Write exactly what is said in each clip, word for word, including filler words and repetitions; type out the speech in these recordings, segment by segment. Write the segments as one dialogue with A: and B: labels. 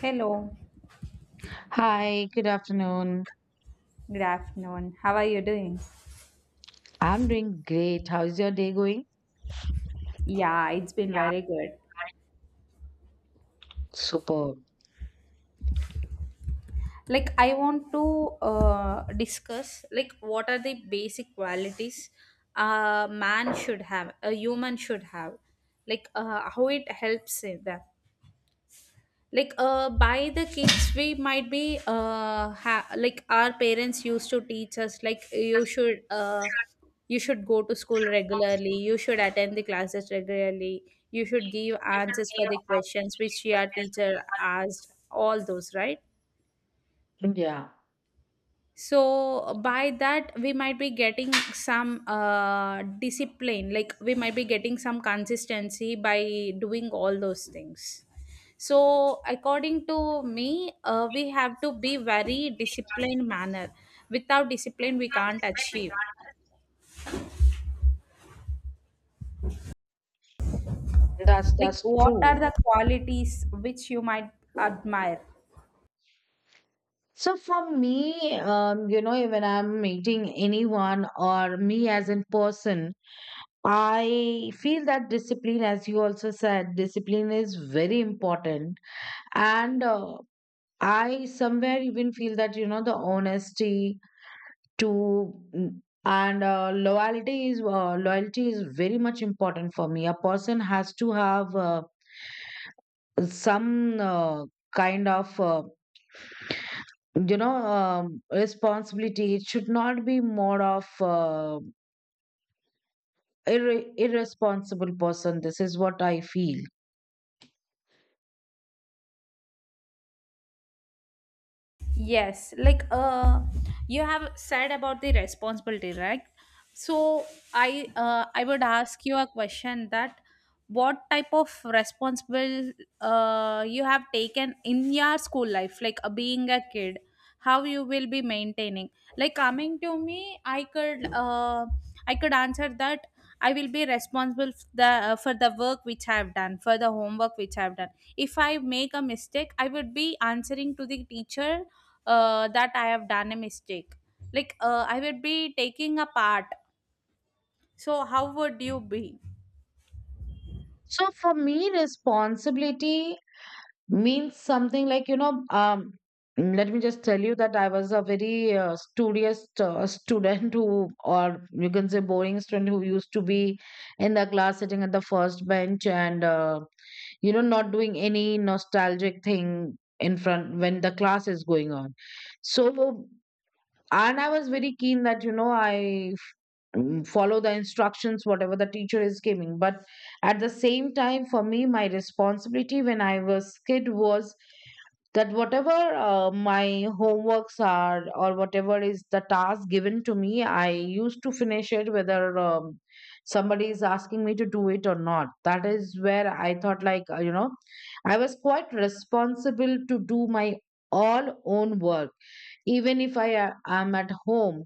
A: Hello,
B: Hi, good afternoon.
A: good afternoon. How are you doing?
B: I'm doing great. How's your day going?
A: Yeah, it's been very good.
B: Superb.
A: Like, I want to uh, discuss like what are the basic qualities a man should have, a human should have, like uh, how it helps in that. Like uh by the kids we might be uh ha- like our parents used to teach us like you should uh you should go to school regularly, you should attend the classes regularly, you should give answers for the questions which your teacher asked, all those, right?
B: Yeah,
A: So uh, by that, we might be getting some uh, discipline, like we might be getting some consistency by doing all those things. So according to me, uh, we have to be very disciplined manner. Without discipline, we can't achieve.
B: that's
A: Like
B: that's
A: what are
B: true.
A: the qualities which you might admire?
B: So for me, um, you know, when I'm meeting anyone or me as in person, I feel that discipline, as you also said, discipline is very important. And uh, I somewhere even feel that, you know, the honesty to mm, and uh, loyalty is uh, loyalty is very much important for me, a person has to have uh, some uh, kind of uh, you know um, responsibility. It should not be more of uh, irre- irresponsible person. This is what I feel.
A: Yes, like uh, you have said about the responsibility, right? So I uh, I would ask you a question that what type of responsible uh, you have taken in your school life, like uh, being a kid, how you will be maintaining. Like coming to me, I could uh, I could answer that I will be responsible f- the uh, for the work which I have done, for the homework which I have done. If I make a mistake, I would be answering to the teacher uh, that I have done a mistake. Like uh, I would be taking a part. So how would you be?
B: So for me, responsibility means something like, you know um let me just tell you that I was a very uh, studious uh, student, who, or you can say boring student, who used to be in the class sitting at the first bench, and uh, you know not doing any nostalgic thing in front when the class is going on. So, and I was very keen that you know I mm, follow the instructions whatever the teacher is giving, but at the same time for me my responsibility when I was kid was that whatever uh, my homeworks are, or whatever is the task given to me, I used to finish it, whether um, somebody is asking me to do it or not. That is where I thought, like, uh, you know I was quite responsible to do my all own work, even if I uh, am at home.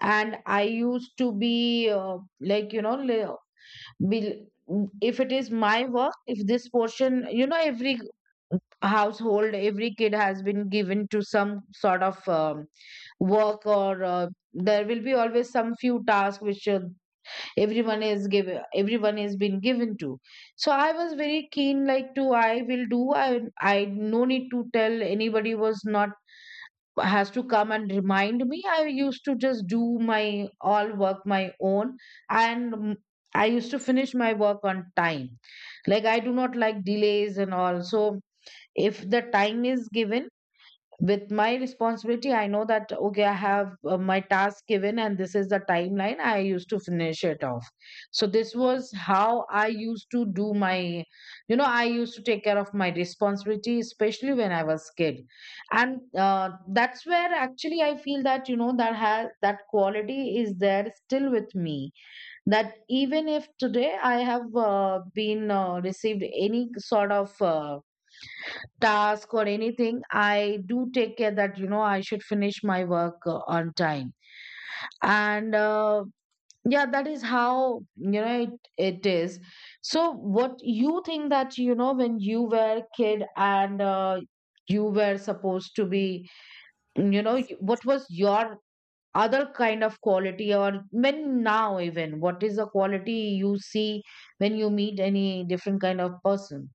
B: And I used to be uh, like you know li- Bel- if it is my work, if this portion, you know, every household, every kid has been given to some sort of um, work, or uh, there will be always some few tasks which uh, everyone is given, everyone is been given to. So I was very keen, like, to I will do. I I no need to tell, anybody was not has to come and remind me. I used to just do my all work my own, and mm, I used to finish my work on time, like I do not like delays and all. So if the time is given, with my responsibility, I know that, okay, I have uh, my task given and this is the timeline, I used to finish it off. So this was how I used to do my you know I used to take care of my responsibility, especially when I was kid. And uh, that's where actually I feel that, you know that has that quality is there still with me, that even if today I have uh, been uh, received any sort of uh, task or anything, I do take care that, you know, I should finish my work uh, on time. And uh, yeah, that is how, you know, it, it is. So, what you think that, you know, when you were a kid and uh, you were supposed to be, you know, y- what was your other kind of quality, or when now even what is the quality you see when you meet any different kind of person?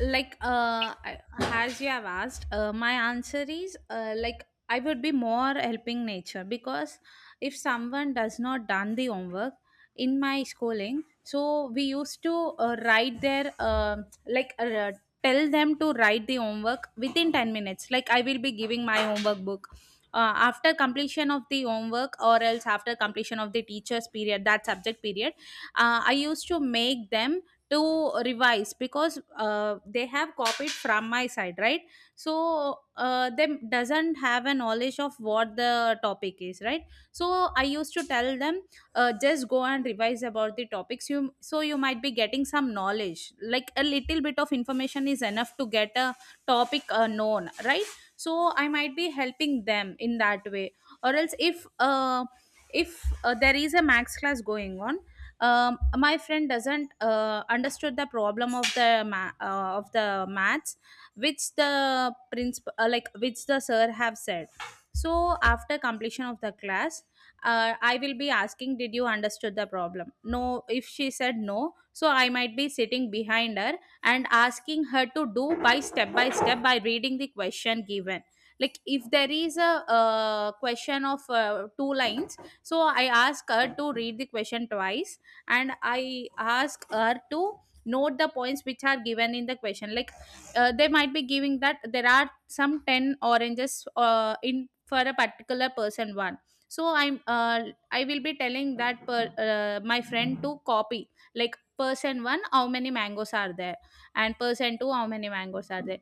A: like uh I- as you have asked, uh, my answer is, uh, like, I would be more helping nature, because if someone does not done the homework in my schooling, so we used to uh, write their um like uh, tell them to write the homework within ten minutes. Like I will be giving my homework book uh, after completion of the homework, or else after completion of the teacher's period, that subject period. uh, I used to make them to revise, because uh, they have copied from my side, right? So uh, them doesn't have a knowledge of what the topic is, right? So I used to tell them, uh, just go and revise about the topics you, so you might be getting some knowledge, like a little bit of information is enough to get a topic uh, known, right? So I might be helping them in that way. Or else if uh, if uh, there is a max class going on, um, my friend doesn't uh, understood the problem of the ma- uh, of the maths which the principal uh, like which the sir have said. So after completion of the class, uh, I will be asking, did you understood the problem? No, if she said no, so I might be sitting behind her and asking her to do by step by step, by reading the question given. Like if there is a uh, question of uh, two lines, so I ask her to read the question twice, and I ask her to note the points which are given in the question. Like uh, they might be giving that there are some ten oranges uh, in for a particular person one. So i'm uh, I will be telling that per, uh, my friend to copy, like person one how many mangoes are there, and person two how many mangoes are there.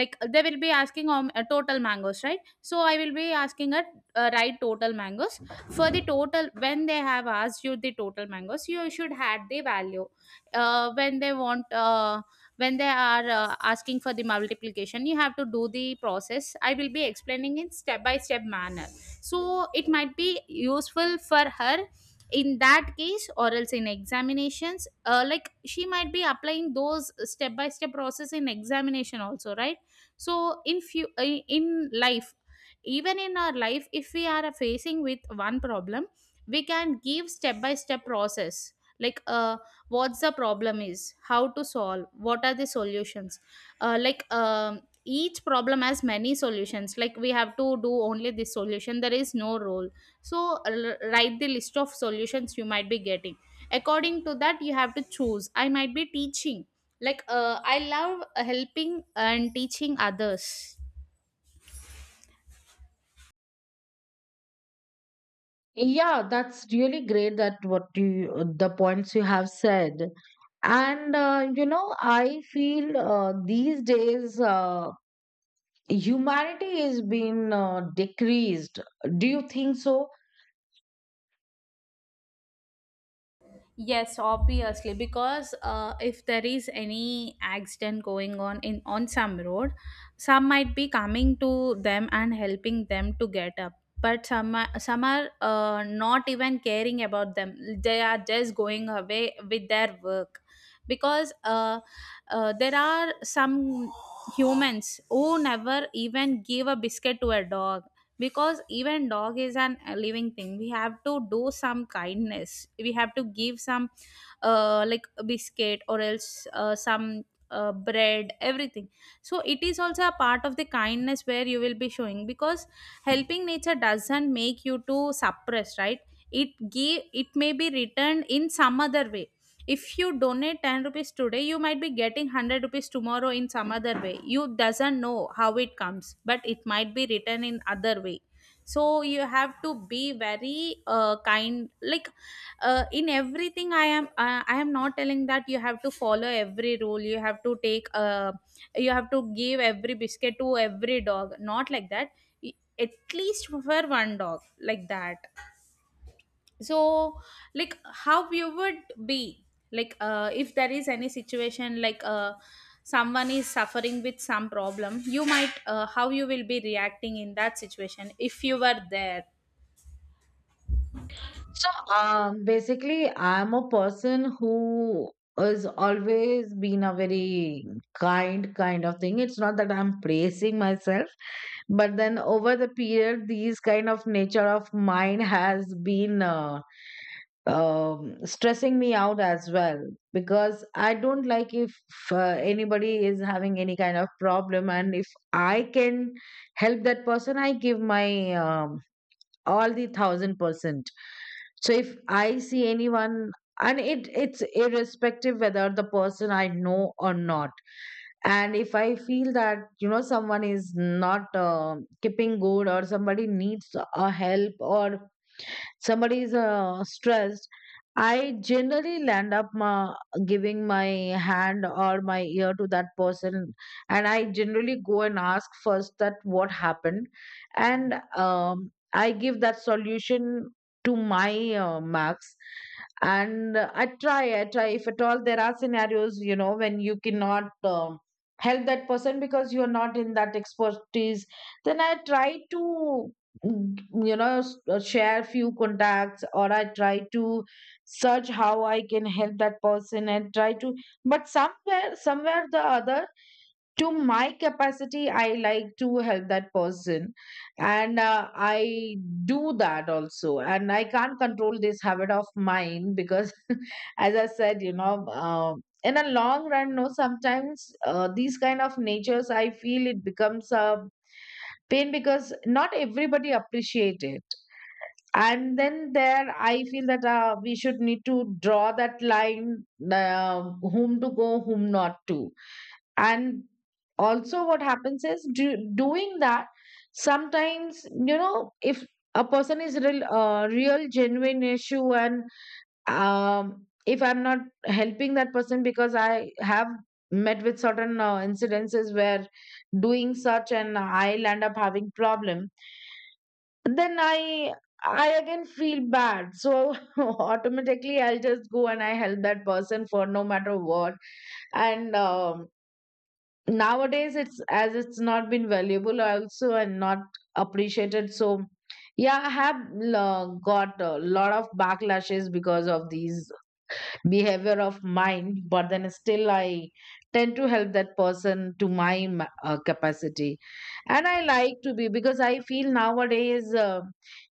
A: Like they will be asking um, uh, total mangoes, right? So I will be asking her, uh, write total mangoes. For the total, when they have asked you the total mangoes, you should add the value. uh, when they want uh, when they are uh, asking for the multiplication, you have to do the process. I will be explaining in step by step manner, so it might be useful for her in that case. Or else in examinations, uh, like, she might be applying those step by step process in examination also, right? So in few uh, in life, even in our life, if we are facing with one problem, we can give step by step process. like uh, what's the problem is, how to solve, what are the solutions. Uh, like um, each problem has many solutions, like we have to do only this solution, there is no rule. So uh, l- write the list of solutions you might be getting. According to that, you have to choose. I might be teaching, like uh, I love helping and teaching others.
B: Yeah, that's really great that what you, the points you have said. And uh, you know, I feel uh, these days uh, humanity is being uh, decreased. Do you think so?
A: Yes, obviously, because uh, if there is any accident going on in on some road, some might be coming to them and helping them to get up, but some are, some are uh, not even caring about them. They are just going away with their work, because uh, uh, there are some humans who never even give a biscuit to a dog, because even dog is an a living thing, we have to do some kindness, we have to give some uh, like a biscuit, or else uh, some uh, bread, everything. So it is also a part of the kindness where you will be showing, because helping nature doesn't make you to suppress, right? It give it may be returned in some other way. If you donate ten rupees today, you might be getting one hundred rupees tomorrow in some other way. You doesn't know how it comes, but it might be written in other way. So you have to be very uh, kind. Like uh, in everything, i am uh, I am not telling that you have to follow every rule, you have to take uh, you have to give every biscuit to every dog, not like that. Y- at least for one dog, like that. So like how you would be, like uh, if there is any situation, like uh, someone is suffering with some problem, you might uh, how you will be reacting in that situation if you were there?
B: So um, basically, I'm a person who is always been a very kind, kind of thing. It's not that I'm praising myself, but then over the period, these kind of nature of mine has been uh, um, stressing me out as well, because I don't like if uh, anybody is having any kind of problem, and if I can help that person, I give my um, all the thousand percent. So if I see anyone, and it it's irrespective whether the person I know or not. And if I feel that you know someone is not uh, keeping good, or somebody needs a help, or somebody is uh, stressed, I generally land up ma giving my hand or my ear to that person, and I generally go and ask first that what happened, and um, I give that solution to my uh, marks. And uh, i try i try, if at all there are scenarios, you know when you cannot um help that person because you are not in that expertise, then I try to mm, you know s- uh, share few contacts, or I try to search how I can help that person, and try to. But somewhere somewhere the other, to my capacity, I like to help that person, and uh, I do that also, and I can't control this habit of mine, because as I said, you know uh, in a long run, no, sometimes uh, these kind of natures, I feel it becomes a pain, because not everybody appreciates it, and then there I feel that uh, we should need to draw that line, uh, whom to go, whom not to. And also what happens is, do, doing that sometimes, you know if a person is real uh, real genuine issue, and um, if I'm not helping that person, because I have met with certain uh, incidences where doing such, and I'll end up having problem, then i i again feel bad. So automatically I'll just go and I help that person for no matter what. And um, nowadays, it's as it's not been valuable also and not appreciated. So yeah, I have uh, got a lot of backlashes because of these behavior of mind, but then still I tend to help that person to my m- uh, capacity, and I like to be, because I feel nowadays, uh,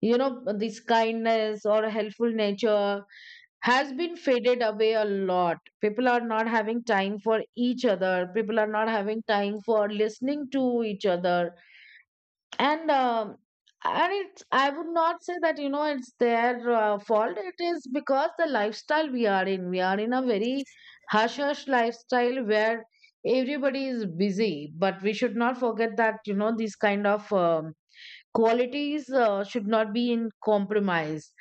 B: you know this kindness or helpful nature has been faded away a lot. People are not having time for each other. People are not having time for listening to each other. And um, and it's, I would not say that you know it's their uh, fault. It is because the lifestyle we are in we are in a very hush hush lifestyle, where everybody is busy. But we should not forget that you know these kind of um, qualities uh, should not be in compromise.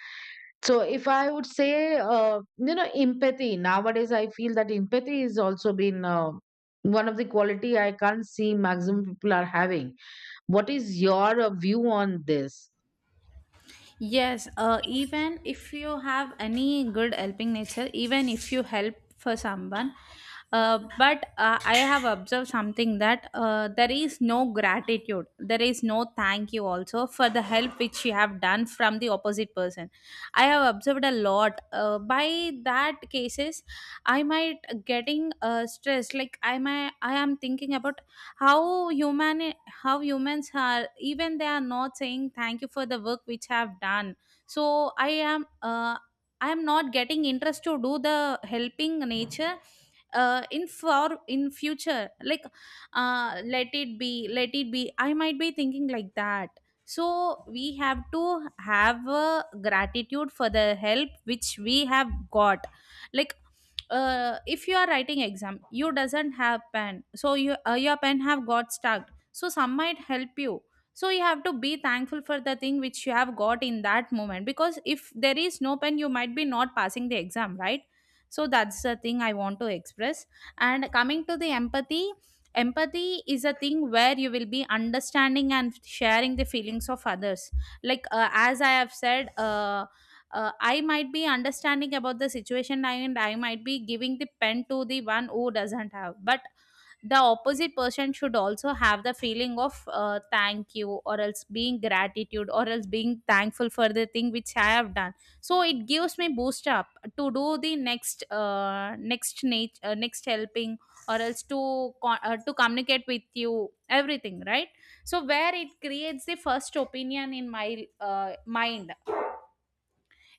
B: So if I would say, uh, you know empathy, nowadays I feel that empathy is also been uh, one of the quality I can't see maximum people are having. What is your uh, view on this?
A: Yes, uh,
B: Yes.
A: even if you have any good helping nature, even if you help for someone, uh, but uh, I have observed something, that uh, there is no gratitude, there is no thank you also for the help which you have done from the opposite person. I have observed a lot. Uh, by that cases, I might getting uh, stressed. Like I might, I am thinking about how human how humans are, even they are not saying thank you for the work which I have done. So I am, uh, I am not getting interest to do the helping nature uh, in for in future. Like, uh, let it be let it be, I might be thinking like that. So we have to have uh, gratitude for the help which we have got. Like uh, if you are writing exam, you doesn't have pen, so you uh, your pen have got stuck, so some might help you. So you have to be thankful for the thing which you have got in that moment, because if there is no pen, you might be not passing the exam, right? So that's the thing I want to express. And coming to the empathy, empathy is a thing where you will be understanding and sharing the feelings of others. Like uh, as I have said uh, uh, I might be understanding about the situation, and I might be giving the pen to the one who doesn't have. But the opposite person should also have the feeling of, uh, thank you, or else being gratitude, or else being thankful for the thing which I have done. So it gives me boost up to do the next uh, next nat- uh, next helping, or else to co- uh, to communicate with you everything, right? So where it creates the first opinion in my uh, mind,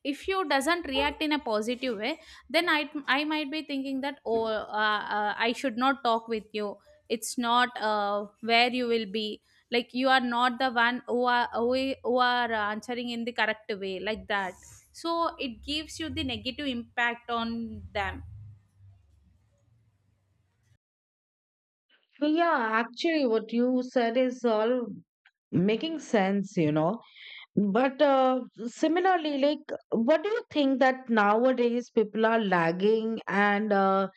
A: if you doesn't react in a positive way, then i i might be thinking that, oh, uh, uh, I should not talk with you. It's not uh, where you will be, like, you are not the one who are who, i- who are answering in the correct way, like that. So it gives you the negative impact on them.
B: Yeah, actually what you said is all making sense you know But uh, similarly, like, what do you think that nowadays people are lagging? And, uh,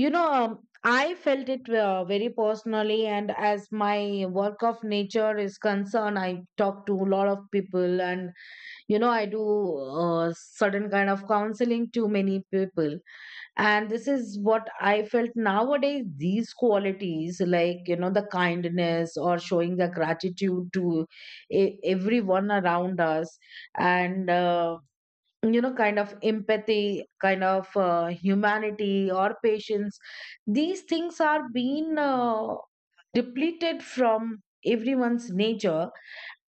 B: you know, um, I felt it uh, very personally. And as my work of nature is concerned, I talk to a lot of people, and, you know, I do uh, certain kind of counseling to many people. And this is what I felt nowadays, these qualities, like, you know the kindness, or showing the gratitude to e- everyone around us, and uh, you know kind of empathy, kind of uh, humanity, or patience, these things are being uh, depleted from everyone's nature.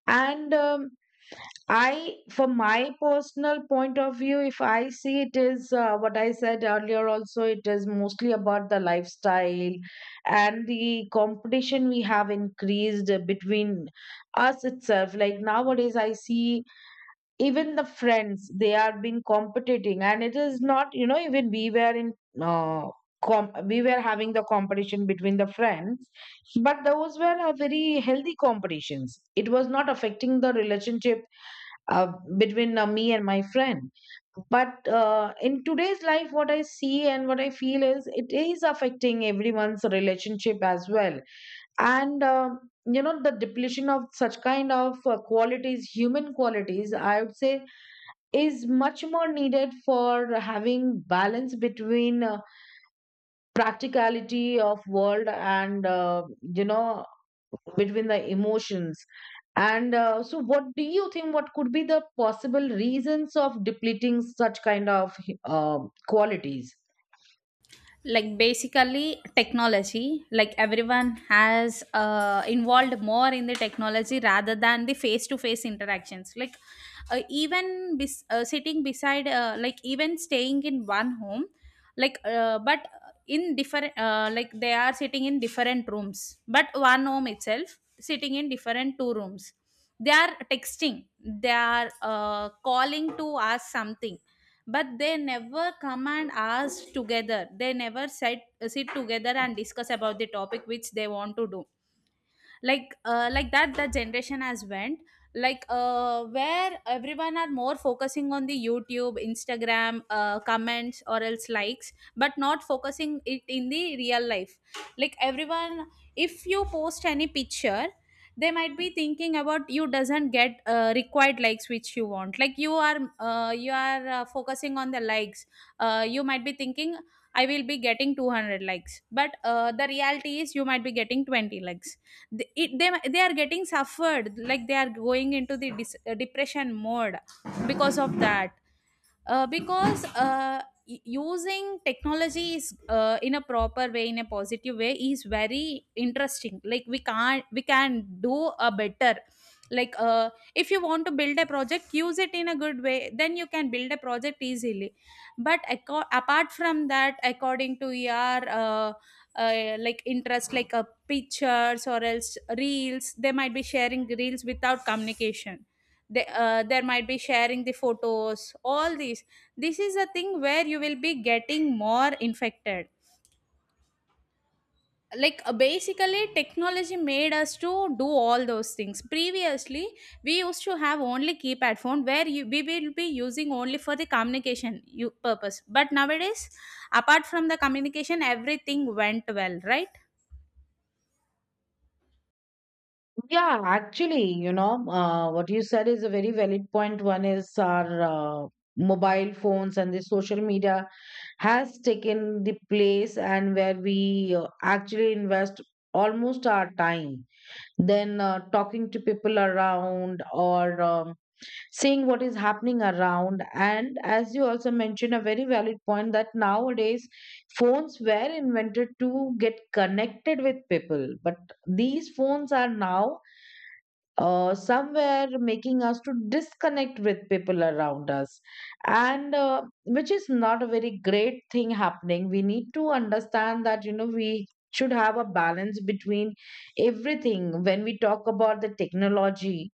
B: And um, I, from my personal point of view, if I see, it is uh, what I said earlier also. It is mostly about the lifestyle, and the competition we have increased uh, between us itself. Like nowadays, I see even the friends, they are being competing, and it is not, you know, even we were in. Uh, com- we were having the competition between the friends, but those were a very healthy competitions, it was not affecting the relationship uh, between uh, me and my friend. But uh, in today's life, what I see and what I feel is, it is affecting everyone's relationship as well. And uh, you know the depletion of such kind of uh, qualities, human qualities I would say, is much more needed for having balance between uh, practicality of world, and uh, you know between the emotions. And uh, so, what do you think, what could be the possible reasons of depleting such kind of uh, qualities?
A: Like basically technology, like everyone has uh, involved more in the technology rather than the face to face interactions. Like uh, even bes- uh, sitting beside, uh, like even staying in one home, like uh, but in different, uh, like they are sitting in different rooms, but one home itself, sitting in different two rooms, they are texting, they are uh, calling to ask something, but they never come and ask together. They never sit, sit together and discuss about the topic which they want to do. Like uh, like that the generation has went. Like uh, where everyone are more focusing on the YouTube, Instagram uh, comments, or else likes, but not focusing it in the real life. Like everyone, if you post any picture, they might be thinking about, you doesn't get uh, required likes which you want. Like you are uh, you are uh, focusing on the likes. Uh, you might Be thinking I will be getting two hundred likes but uh, the reality is you might be getting twenty likes. They, it, they, they are getting suffered, like they are going into the dis- uh, depression mode because of that. uh, because uh, y- Using technology is uh, in a proper way, in a positive way, is very interesting, like we can't we can do a better. like uh, if you want to build a project, use it in a good way, then you can build a project easily. But aco- apart from that, according to your uh, uh, like interest, like uh, pictures or else reels, they might be sharing reels without communication. They, uh, there might be sharing the photos, all these. This is a thing where you will be getting more infected. Like uh, basically, technology made us to do all those things. Previously, we used to have only keypad phone where you, we will be using only for the communication you, purpose, but nowadays, apart from the communication, everything went well, right?
B: Yeah, actually you know uh, what you said is a very valid point point. One is our uh, mobile phones and the social media has taken the place, and where we uh, actually invest almost our time then uh, talking to people around, or um, seeing what is happening around. And as you also mentioned, a very valid point, that nowadays phones were invented to get connected with people, but these phones are now uh, somewhere making us to disconnect with people around us. And uh, which is not a very great thing happening. We need to understand that you know we should have a balance between everything. When we talk about the technology,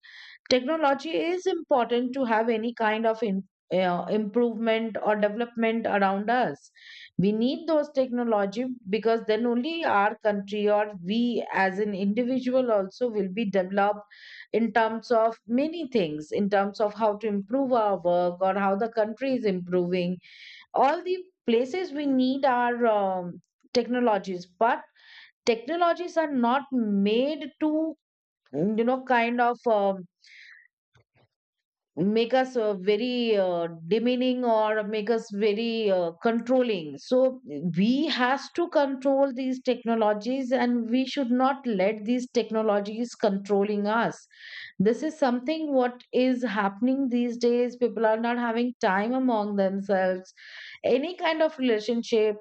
B: technology is important to have any kind of in, uh, improvement or development around us. We need those technology, because then only our country, or we as an individual also will be developed in terms of many things, in terms of how to improve our work or how the country is improving. All the places we need are um, technologies. But technologies are not made to, you know, kind of um, make us uh, very uh, demeaning or make us very uh, controlling. So we has to control these technologies and we should not let these technologies controlling us. This is something what is happening these days. People are not having time among themselves, any kind of relationship.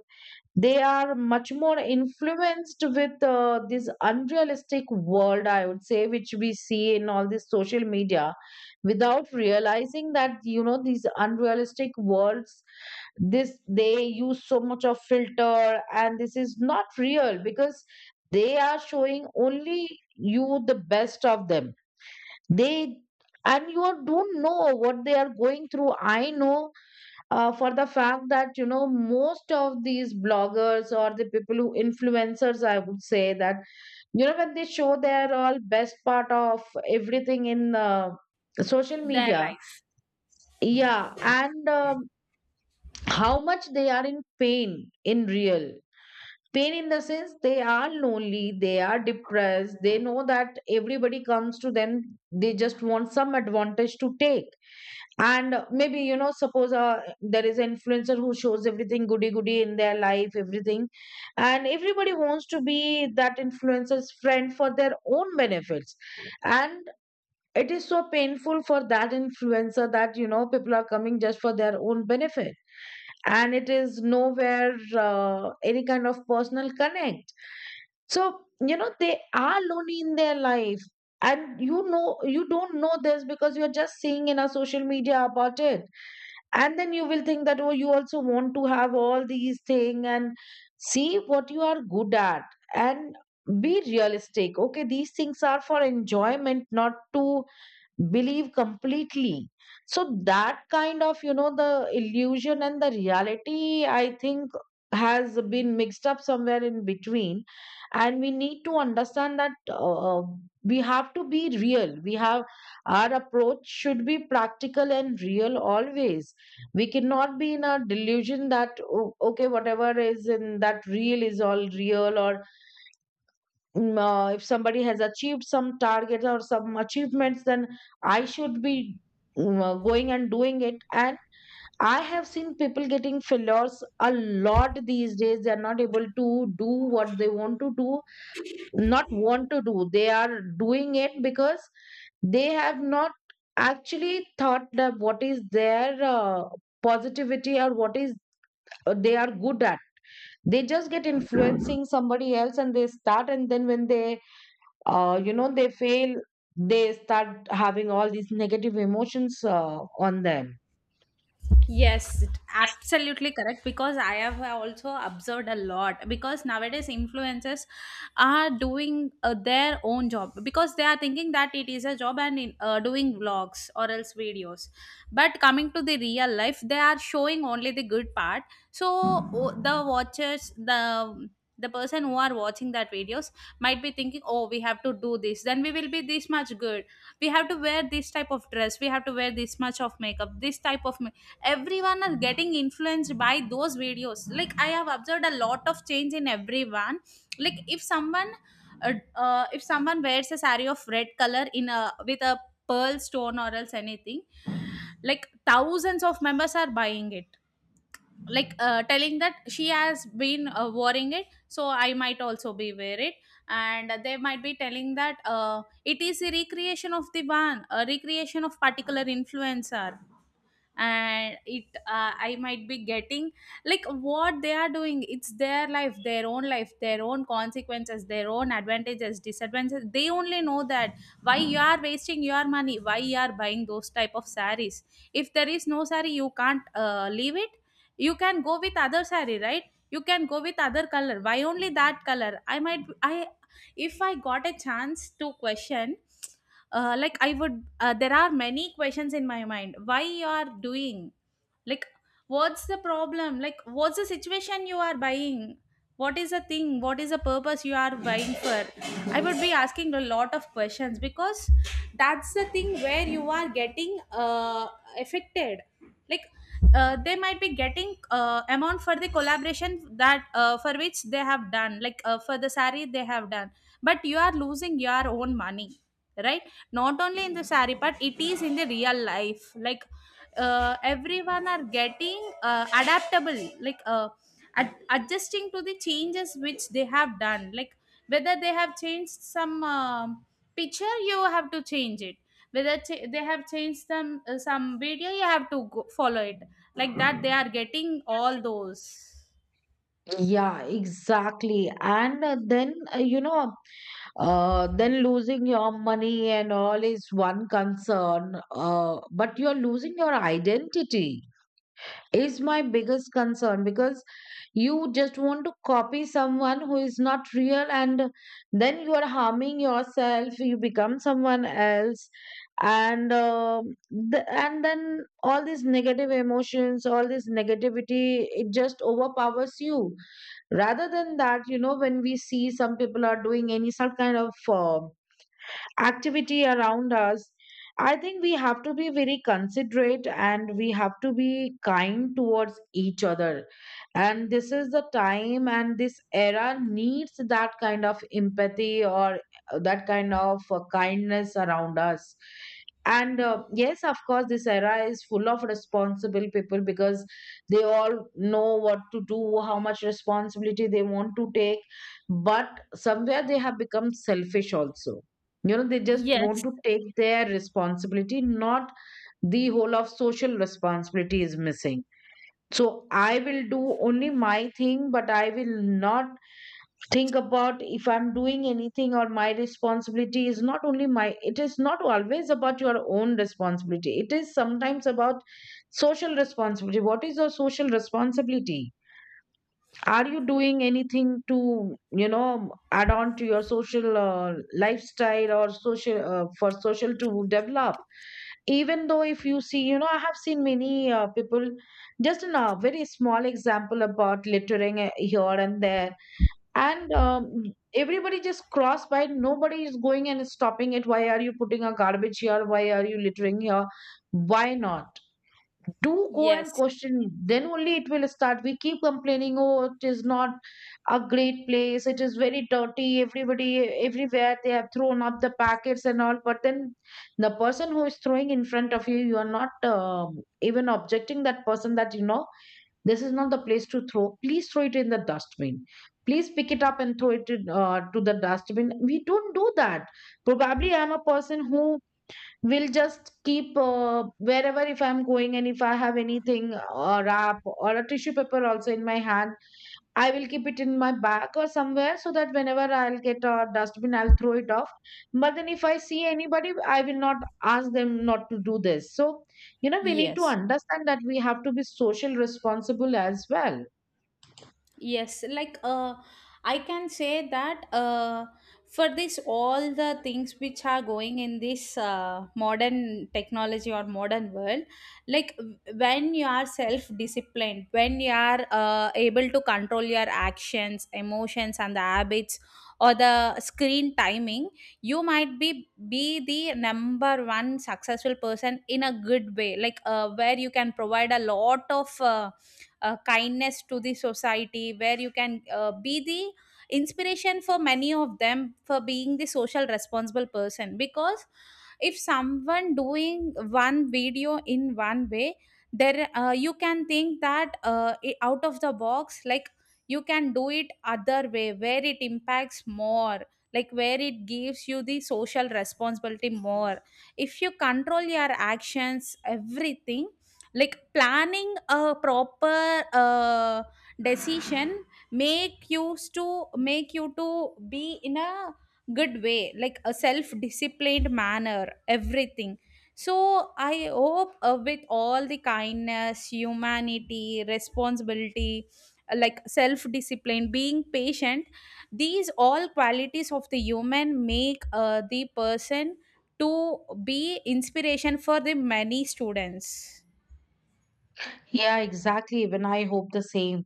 B: They are much more influenced with uh, this unrealistic world, I would say, which we see in all this social media, without realizing that you know these unrealistic worlds, this, they use so much of filter and this is not real, because they are showing only you the best of them. They, and you don't know what they are going through. I know uh, for the fact that you know most of these bloggers or the people who influencers, I would say, that you know when they show their all best part of everything in uh, social
A: Their
B: media.
A: life.
B: Yeah, and um, how much they are in pain, in real pain. In the sense, they are lonely, they are depressed. They know that everybody comes to them, they just want some advantage to take. And maybe, you know, suppose uh, there is an influencer who shows everything goody goody in their life, everything, and everybody wants to be that influencer's friend for their own benefits. And it is so painful for that influencer, that you know people are coming just for their own benefit, and it is nowhere uh, any kind of personal connect. So you know they are lonely in their life, and you know you don't know this because you're just seeing in our social media about it. And then you will think that, oh, you also want to have all these things, and see what you are good at, and be realistic. Okay, these things are for enjoyment, not to believe completely. So that kind of, you know, the illusion and the reality, I think, has been mixed up somewhere in between. And we need to understand that uh, we have to be real. We have, our approach should be practical and real always. We cannot be in a delusion that "Oh, okay, whatever is in that real is all real," or mm, uh, if somebody has achieved some targets or some achievements, then I should be mm, uh, going and doing it. And I have seen people getting failures a lot these days. They are not able to do what they want to do. Not want to do, they are doing it because they have not actually thought that what is their uh, positivity or what is uh, they are good at. They just get influencing somebody else and they start, and then when they uh, you know they fail, they start having all these negative emotions uh, on them.
A: Yes, it- absolutely correct. Because I have also observed a lot. Because nowadays influencers are doing uh, their own job, because they are thinking that it is a job and in, uh, doing vlogs or else videos. But coming to the real life, they are showing only the good part. So o- the watchers, the the person who are watching that videos might be thinking, oh, we have to do this, then we will be this much good. We have to wear this type of dress. We have to wear this much of makeup. This type of, everyone is getting influenced by those videos, like I have observed a lot of change in everyone. Like if someone, uh, uh, if someone wears a saree of red color in a, with a pearl stone or else anything, like thousands of members are buying it, like uh, telling that she has been uh, wearing it, so I might also be wear it. And they might be telling that uh, it is a recreation of the one, a recreation of particular influencer, and it uh, I might be getting, like what they are doing, it's their life, their own life, their own consequences, their own advantages, disadvantages, they only know that. Why you are wasting your money? Why you are buying those type of saris? If there is no sari, you can't uh, leave it. You can go with other sari, right? You can go with other color. Why only that color? I might i if I got a chance to question, uh, like I would uh, there are many questions in my mind. Why you are doing, like, what's the problem, like what's the situation you are buying? What is the thing, what is the purpose you are buying for? I would be asking a lot of questions, because that's the thing where you are getting uh, affected. Like uh, they might be getting uh, amount for the collaboration that uh, for which they have done, like uh, for the sari they have done, but you are losing your own money, right? Not only in the saree, but it is in the real life. Like uh, everyone are getting uh, adaptable, like uh, ad- adjusting to the changes which they have done. Like whether they have changed some um picture, you have to change it. Whether ch- they have changed some uh, some video, you have to go- follow it. Like that, they are getting all those.
B: Yeah, exactly. And uh, then uh, you know, uh, then losing your money and all is one concern, uh, but you're losing your identity is my biggest concern. Because you just want to copy someone who is not real, and then you are harming yourself, you become someone else. And um the, and then all these negative emotions, all this negativity, it just overpowers you. Rather than that, you know, when we see some people are doing any some kind of uh, activity around us, I think we have to be very considerate and we have to be kind towards each other. And this is the time, and this era needs that kind of empathy or that kind of uh, kindness around us. And uh, yes, of course, this era is full of responsible people, because they all know what to do, how much responsibility they want to take. But somewhere they have become selfish also. You know, they just want
A: Yes.
B: to take their responsibility, not the whole of social responsibility is missing. So I will do only my thing, but I will not think about if I'm doing anything, or my responsibility is not only my. It is not always about your own responsibility, it is sometimes about social responsibility. What is your social responsibility? Are you doing anything to, you know, add on to your social uh, lifestyle or social uh, for social to develop? Even though if you see, you know, I have seen many uh, people, just in a very small example about littering uh, here and there, and um, everybody just cross by. Nobody is going and stopping it. Why are you putting a garbage here? Why are you littering here? Why not? Do go and
A: Yes.
B: question, then only it will start. We keep complaining, oh, it is not a great place, it is very dirty, everybody everywhere they have thrown up the packets and all. But then the person who is throwing in front of you, you are not um, even objecting that person, that you know this is not the place to throw, please throw it in the dustbin, please pick it up and throw it in, uh, to the dustbin. We don't do that. Probably I'm a person who will just keep uh, wherever, if I'm going and if I have anything or wrap or a tissue paper also in my hand, I will keep it in my bag or somewhere, so that whenever I'll get a dustbin I'll throw it off. But then if I see anybody I will not ask them not to do this. So you know we need to
A: Yes.
B: understand that we have to be social responsible as well.
A: Yes, like uh, I can say that, uh, for this, all the things which are going in this uh, modern technology or modern world, like w- when you are self disciplined, when you are uh, able to control your actions, emotions, and the habits or the screen timing, you might be be the number one successful person in a good way, like uh, where you can provide a lot of. Uh, uh, kindness to the society, where you can uh, be the inspiration for many of them, for being the social responsible person. Because if someone doing one video in one way, there uh, you can think that, uh, i- out of the box, like you can do it other way where it impacts more, like where it gives you the social responsibility more. If you control your actions, everything, like planning a proper uh, decision make you to make you to be in a good way, like a self disciplined manner, everything. So I hope uh, with all the kindness, humanity, responsibility, uh, like self discipline, being patient, these all qualities of the human make uh, the person to be inspiration for the many students.
B: Yeah, exactly, even I hope the same.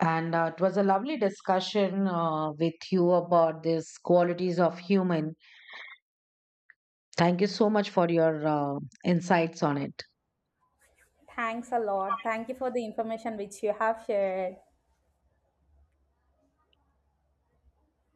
B: And uh, it was a lovely discussion uh, with you about these qualities of human. Thank you so much for your uh, insights on it.
A: Thanks a lot. Thank you for the information which you have shared.